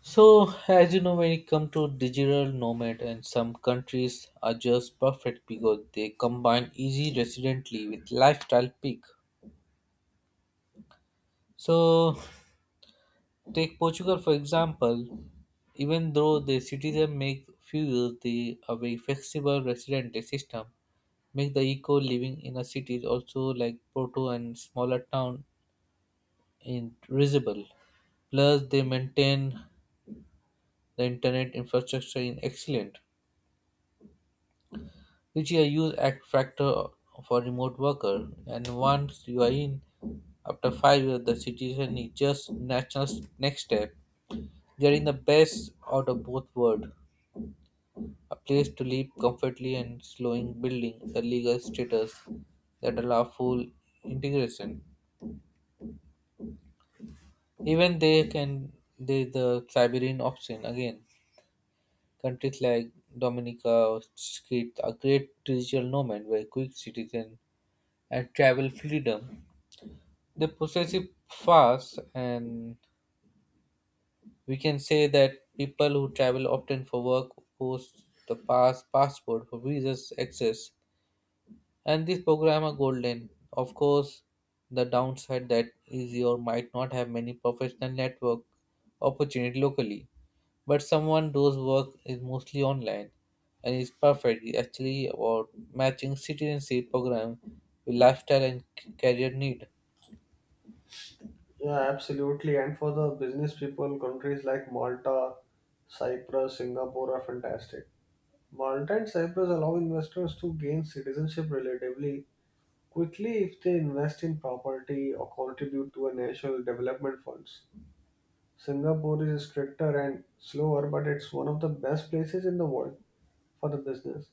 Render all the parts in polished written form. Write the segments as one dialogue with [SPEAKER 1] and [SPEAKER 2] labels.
[SPEAKER 1] So, as you know, when it comes to digital nomad, and some countries are just perfect because they combine easy residently with lifestyle peak. So, take Portugal for example. Even though the citizens make few use the a very flexible resident system, make the eco living in a city also like Porto and smaller town in visible. Plus, they maintain the internet infrastructure in excellent, which is a huge X factor for remote worker. And once you are in, after 5 years, the situation is just natural next step. They are in the best out of both worlds, a place to live comfortably and slowing building a legal status that allow full integration. Even they can the Siberian option again. Countries like Dominica or Crete are great digital nomad where quick citizen and travel freedom. The possess it fast, and we can say that people who travel often for work post the passport for visas access, and these programs are golden. Of course, the downside that easy or might not have many professional network opportunity locally, but someone does work is mostly online and is perfect. It's actually about matching citizenship program with lifestyle and career need.
[SPEAKER 2] Yeah, absolutely. And for the business people, countries like Malta, Cyprus, Singapore are fantastic. Malta and Cyprus allow investors to gain citizenship relatively quickly if they invest in property or contribute to a national development funds. Singapore is stricter and slower, but it's one of the best places in the world for the business,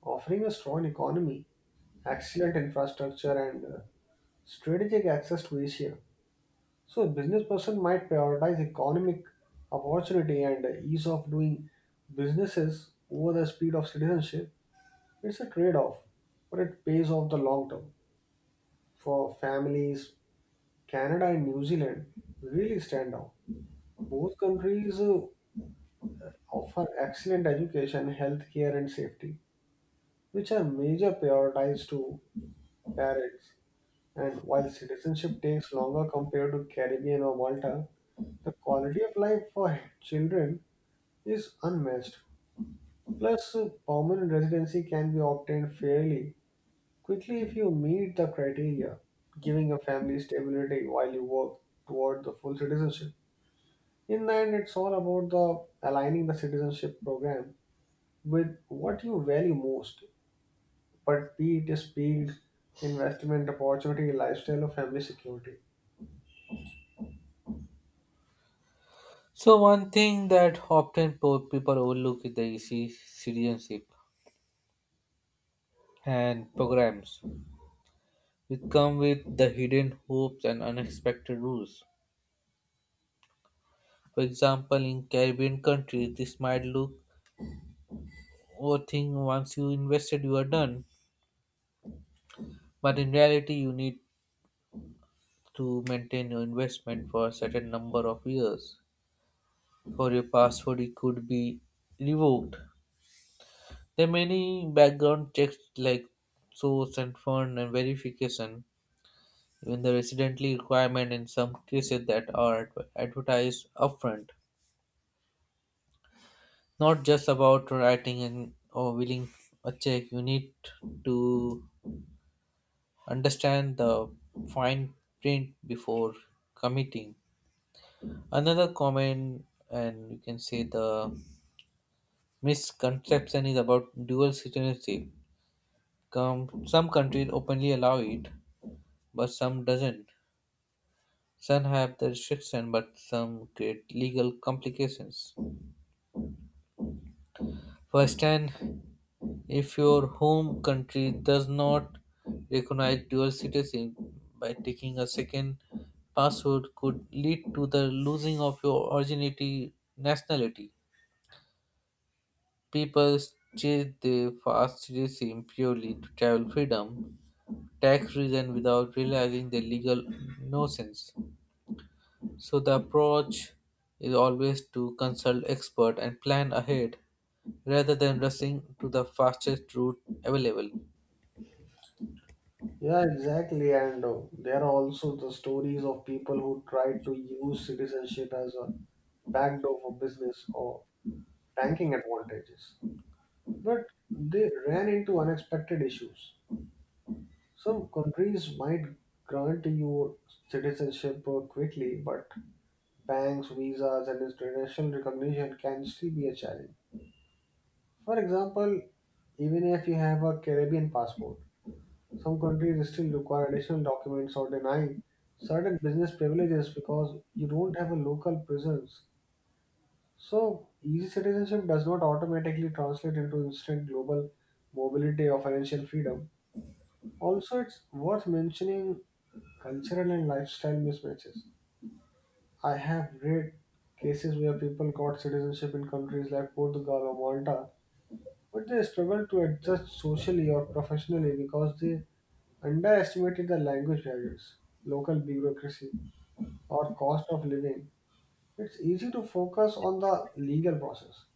[SPEAKER 2] offering a strong economy, excellent infrastructure, and strategic access to Asia. So a business person might prioritize economic opportunity and ease of doing businesses over the speed of citizenship. It's a trade-off, but it pays off the long term. For families, Canada and New Zealand really stand out. Both countries offer excellent education, healthcare, and safety, which are major priorities to parents. And while citizenship takes longer compared to Caribbean or Malta, the quality of life for children is unmatched. Plus, permanent residency can be obtained fairly quickly if you meet the criteria, giving a family stability while you work toward the full citizenship. In the end, it's all about the aligning the citizenship program with what you value most, but be it speed, investment opportunity, lifestyle, or family security.
[SPEAKER 1] So one thing that often people overlook is the easy citizenship and programs which come with the hidden hopes and unexpected rules. For example, in Caribbean countries, this might look or think once you invested you are done, but in reality you need to maintain your investment for a certain number of years. For your passport, it could be revoked. There are many background checks like source and fund and verification even the residency requirement in some cases that are advertised upfront. Not just about writing and or willing a check. You need to understand the fine print before committing. Another common and you can say the misconception is about dual citizenship. Come, some countries openly allow it, but some doesn't. Some have the restriction, but some create legal complications. First hand, if your home country does not recognize dual citizenship by taking a second passport could lead to the losing of your originality nationality. People chase their fast citizenship purely to travel freedom, tax reason without realizing the legal nonsense. So the approach is always to consult expert and plan ahead rather than rushing to the fastest route available.
[SPEAKER 2] Yeah, exactly. And there are also the stories of people who try to use citizenship as a backdoor for business or tanking advantages, but they ran into unexpected issues. Some countries might grant you citizenship quickly, but banks, visas, and international recognition can still be a challenge. For example, even if you have a Caribbean passport, some countries still require additional documents or deny certain business privileges because you don't have a local presence. So, easy citizenship does not automatically translate into instant global mobility or financial freedom. Also, it's worth mentioning cultural and lifestyle mismatches. I have read cases where people got citizenship in countries like Portugal or Malta, but they struggled to adjust socially or professionally because they underestimated the language barriers, local bureaucracy, or cost of living. It's easy to focus on the legal process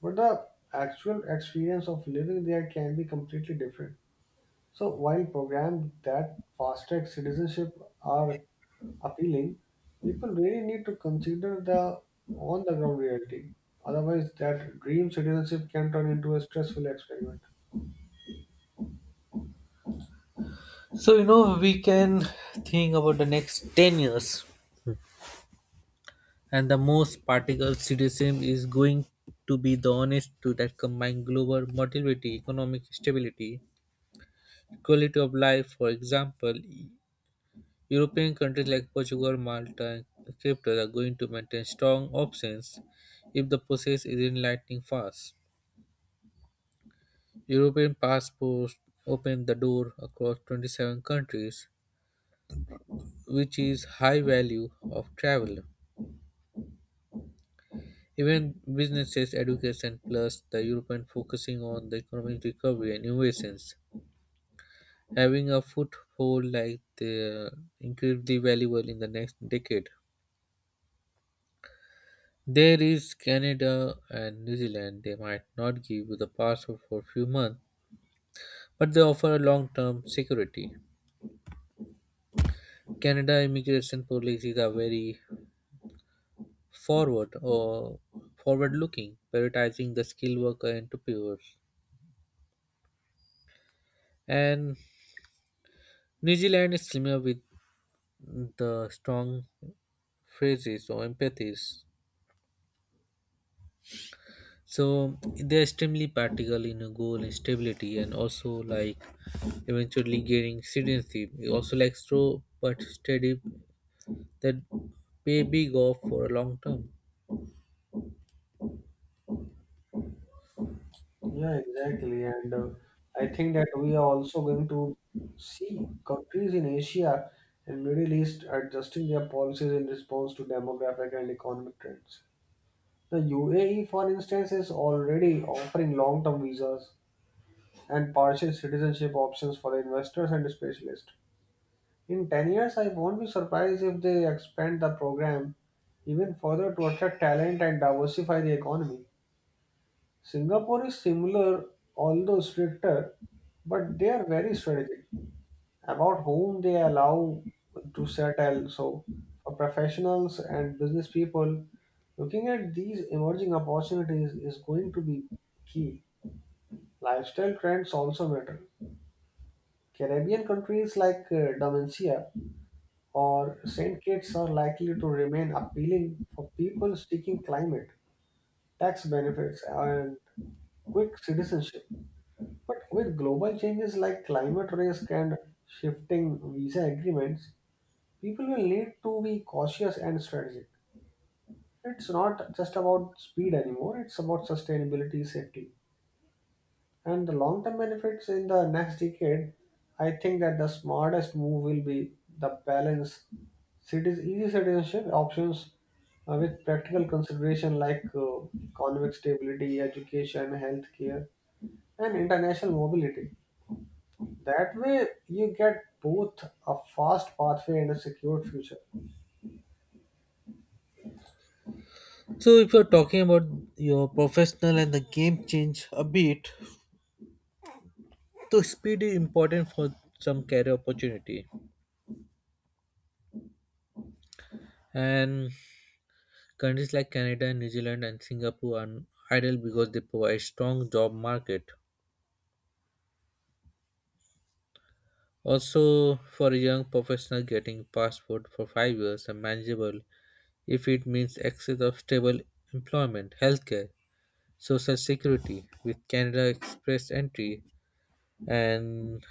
[SPEAKER 2] but the actual experience of living there can be completely different. So while programs that fast track citizenship are appealing, people really need to consider the on the ground reality. Otherwise, that dream citizenship can turn into a stressful experiment.
[SPEAKER 1] So, you know, we can think about the next 10 years, and the most particle citizen is going to be the honest to that combine global mobility, economic stability, quality of life. For example, European countries like Portugal, Malta, and Cyprus are going to maintain strong options if the process is enlightening fast. European passports open the door across 27 countries, which is high value of travel. Even businesses, education, plus the European focusing on the economic recovery and innovations, having a foothold like the incredibly valuable in the next decade. There is Canada and New Zealand. They might not give you the passport for a few months, but they offer a long-term security. Canada immigration policies are very forward or forward-looking, prioritizing the skilled worker entrepreneurs. And New Zealand is similar with the strong phrases or empathies. So they're extremely practical in a goal and stability and also like eventually gaining citizenship. It also like slow but steady that pay big off for a long term.
[SPEAKER 2] Yeah, exactly. And I think that we are also going to see countries in Asia and Middle East adjusting their policies in response to demographic and economic trends. The UAE, for instance, is already offering long term visas and partial citizenship options for the investors and specialists. In 10 years, I won't be surprised if they expand the program even further to attract talent and diversify the economy. Singapore is similar, although stricter, but they are very strategic about whom they allow to settle. So, for professionals and business people, looking at these emerging opportunities is going to be key. Lifestyle trends also matter. Caribbean countries like Dominica or St. Kitts are likely to remain appealing for people seeking climate, tax benefits, and quick citizenship. But with global changes like climate risk and shifting visa agreements, people will need to be cautious and strategic. It's not just about speed anymore, it's about sustainability, safety, and the long term benefits in the next decade. I think that the smartest move will be the balance cities, easy citizenship options with practical consideration like economic stability, education, healthcare, and international mobility. That way, you get both a fast pathway and a secure future.
[SPEAKER 1] So if you're talking about your professional and the game change a bit, so speed is important for some career opportunity. And countries like Canada, New Zealand and Singapore are ideal because they provide strong job market. Also, for a young professional, getting passport for 5 years is manageable if it means access of stable employment, healthcare, social security. With Canada Express entry and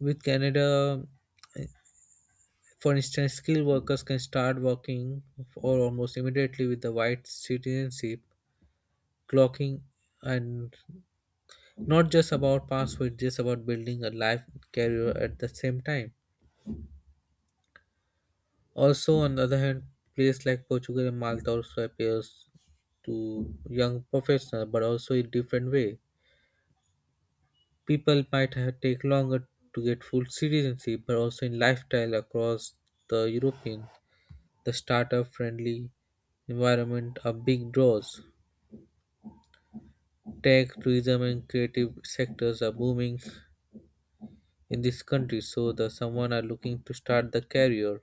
[SPEAKER 1] with Canada, for instance, skilled workers can start working or almost immediately with the white citizenship, clocking and not just about passport, just about building a life career at the same time. Also, on the other hand, players like Portugal and Malta also appears to young professionals, but also in different way. People might have take longer to get full citizenship, but also in lifestyle across the European, the startup friendly environment are big draws. Tech, tourism, and creative sectors are booming in this country, so the someone are looking to start the career.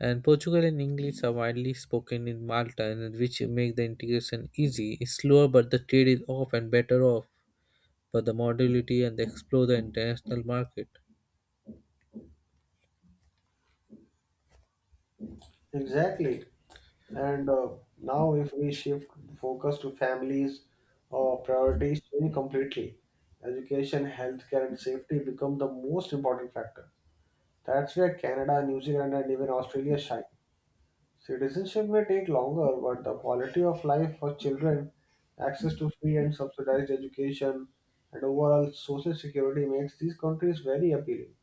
[SPEAKER 1] And Portugal and English are widely spoken in Malta, and which make the integration easy. It's slower, but the trade is off and better off. But the modality and they explore the international market.
[SPEAKER 2] Exactly. And now, if we shift focus to families, priorities change completely. Education, healthcare, and safety become the most important factor. That's where Canada, New Zealand, and even Australia shine. Citizenship may take longer, but the quality of life for children, access to free and subsidized education, and overall social security makes these countries very appealing.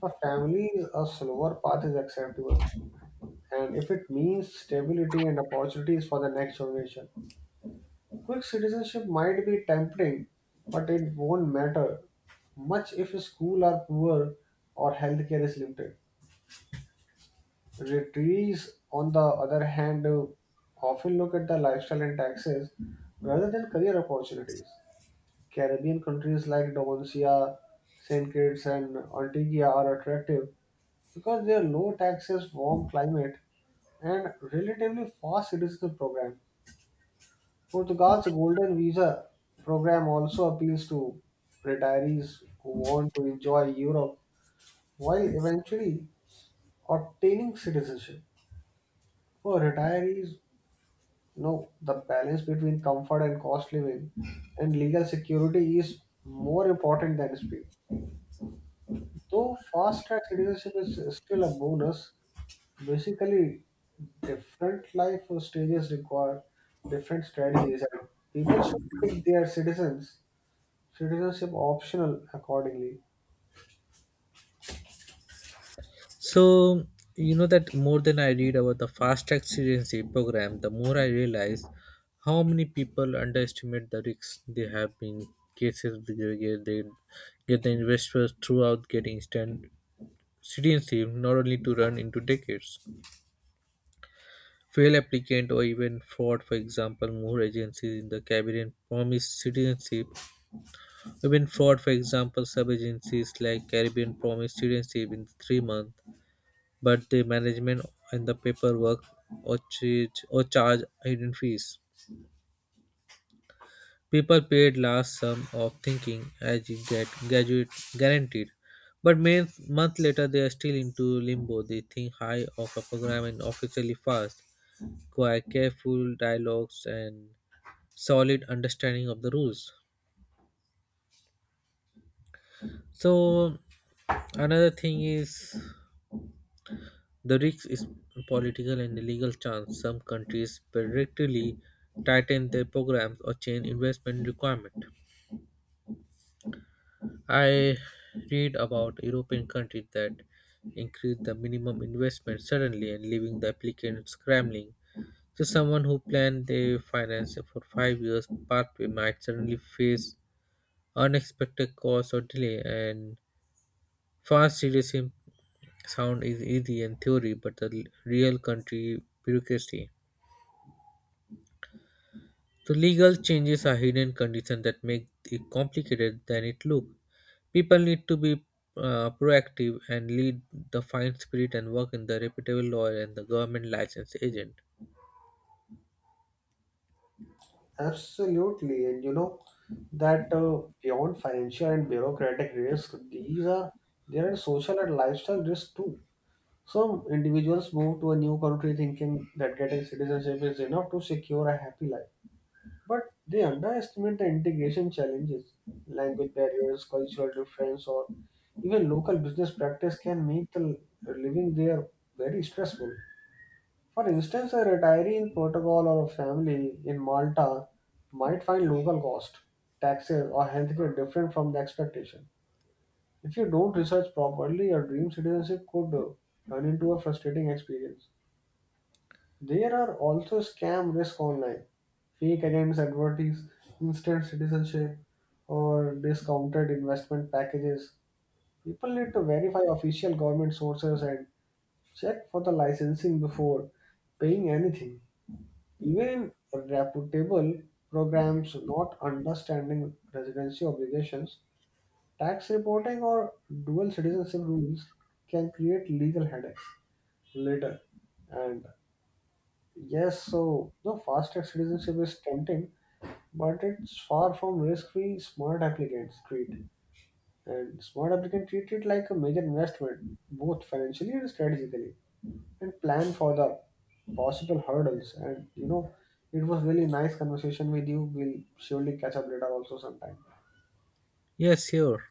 [SPEAKER 2] For families, a slower path is acceptable and if it means stability and opportunities for the next generation. Quick citizenship might be tempting, but it won't matter much if schools are poor or healthcare is limited. Retirees, on the other hand, often look at the lifestyle and taxes rather than career opportunities. Caribbean countries like Dominica, St. Kitts, and Antigua are attractive because their low taxes, warm climate, and relatively fast citizenship program. Portugal's golden visa program also appeals to retirees who want to enjoy Europe while eventually obtaining citizenship. For retirees, you know, the balance between comfort and cost living and legal security is more important than speed. Though fast track citizenship is still a bonus, basically different life stages require different strategies and people should pick their citizens Citizenship optional accordingly.
[SPEAKER 1] So you know that more than I read about the fast track citizenship program, the more I realize how many people underestimate the risks they have in cases where they get the investors throughout getting instant citizenship not only to run into decades. Failed applicants or even fraud, for example, more agencies in the Caribbean promise citizenship. Even fraud, for example, sub agencies like Caribbean promise citizenship in 3 months, but the management and the paperwork or charge hidden fees. People paid large sum of thinking as you get graduate guaranteed. But main month later they are still into limbo. They think high of a program and officially fast. Quite careful dialogues and solid understanding of the rules. So another thing is the risk is political and legal chance. Some countries predictably tighten their programs or change investment requirement. I read about European countries that increase the minimum investment suddenly and leaving the applicant scrambling. So someone who planned their finance for 5 years pathway might suddenly face unexpected costs or delay and Fast serialism sound is easy in theory, but the real country bureaucracy. So legal changes are hidden conditions that make it complicated than it look. People need to be proactive and lead the fine spirit and work in the reputable lawyer and the government licensed agent.
[SPEAKER 2] Absolutely. And you know that beyond financial and bureaucratic risk, these are there are social and lifestyle risks too. Some individuals move to a new country thinking that getting citizenship is enough to secure a happy life. But they underestimate the integration challenges. Language barriers, cultural difference, or even local business practice can make the living there very stressful. For instance, a retiree in Portugal or a family in Malta might find local cost, taxes, or healthcare different from the expectation. If you don't research properly, your dream citizenship could turn into a frustrating experience. There are also scam risks online, fake agents advertise instant citizenship, or discounted investment packages. People need to verify official government sources and check for the licensing before paying anything. Even reputable programs not understanding residency obligations, tax reporting, or dual citizenship rules can create legal headaches later. And yes, so the fast track citizenship is tempting, but it's far from risk free. Smart applicants treat it like a major investment, both financially and strategically. And plan for the possible hurdles. And you know, it was really nice conversation with you. We'll surely catch up later also sometime.
[SPEAKER 1] Yes, sure.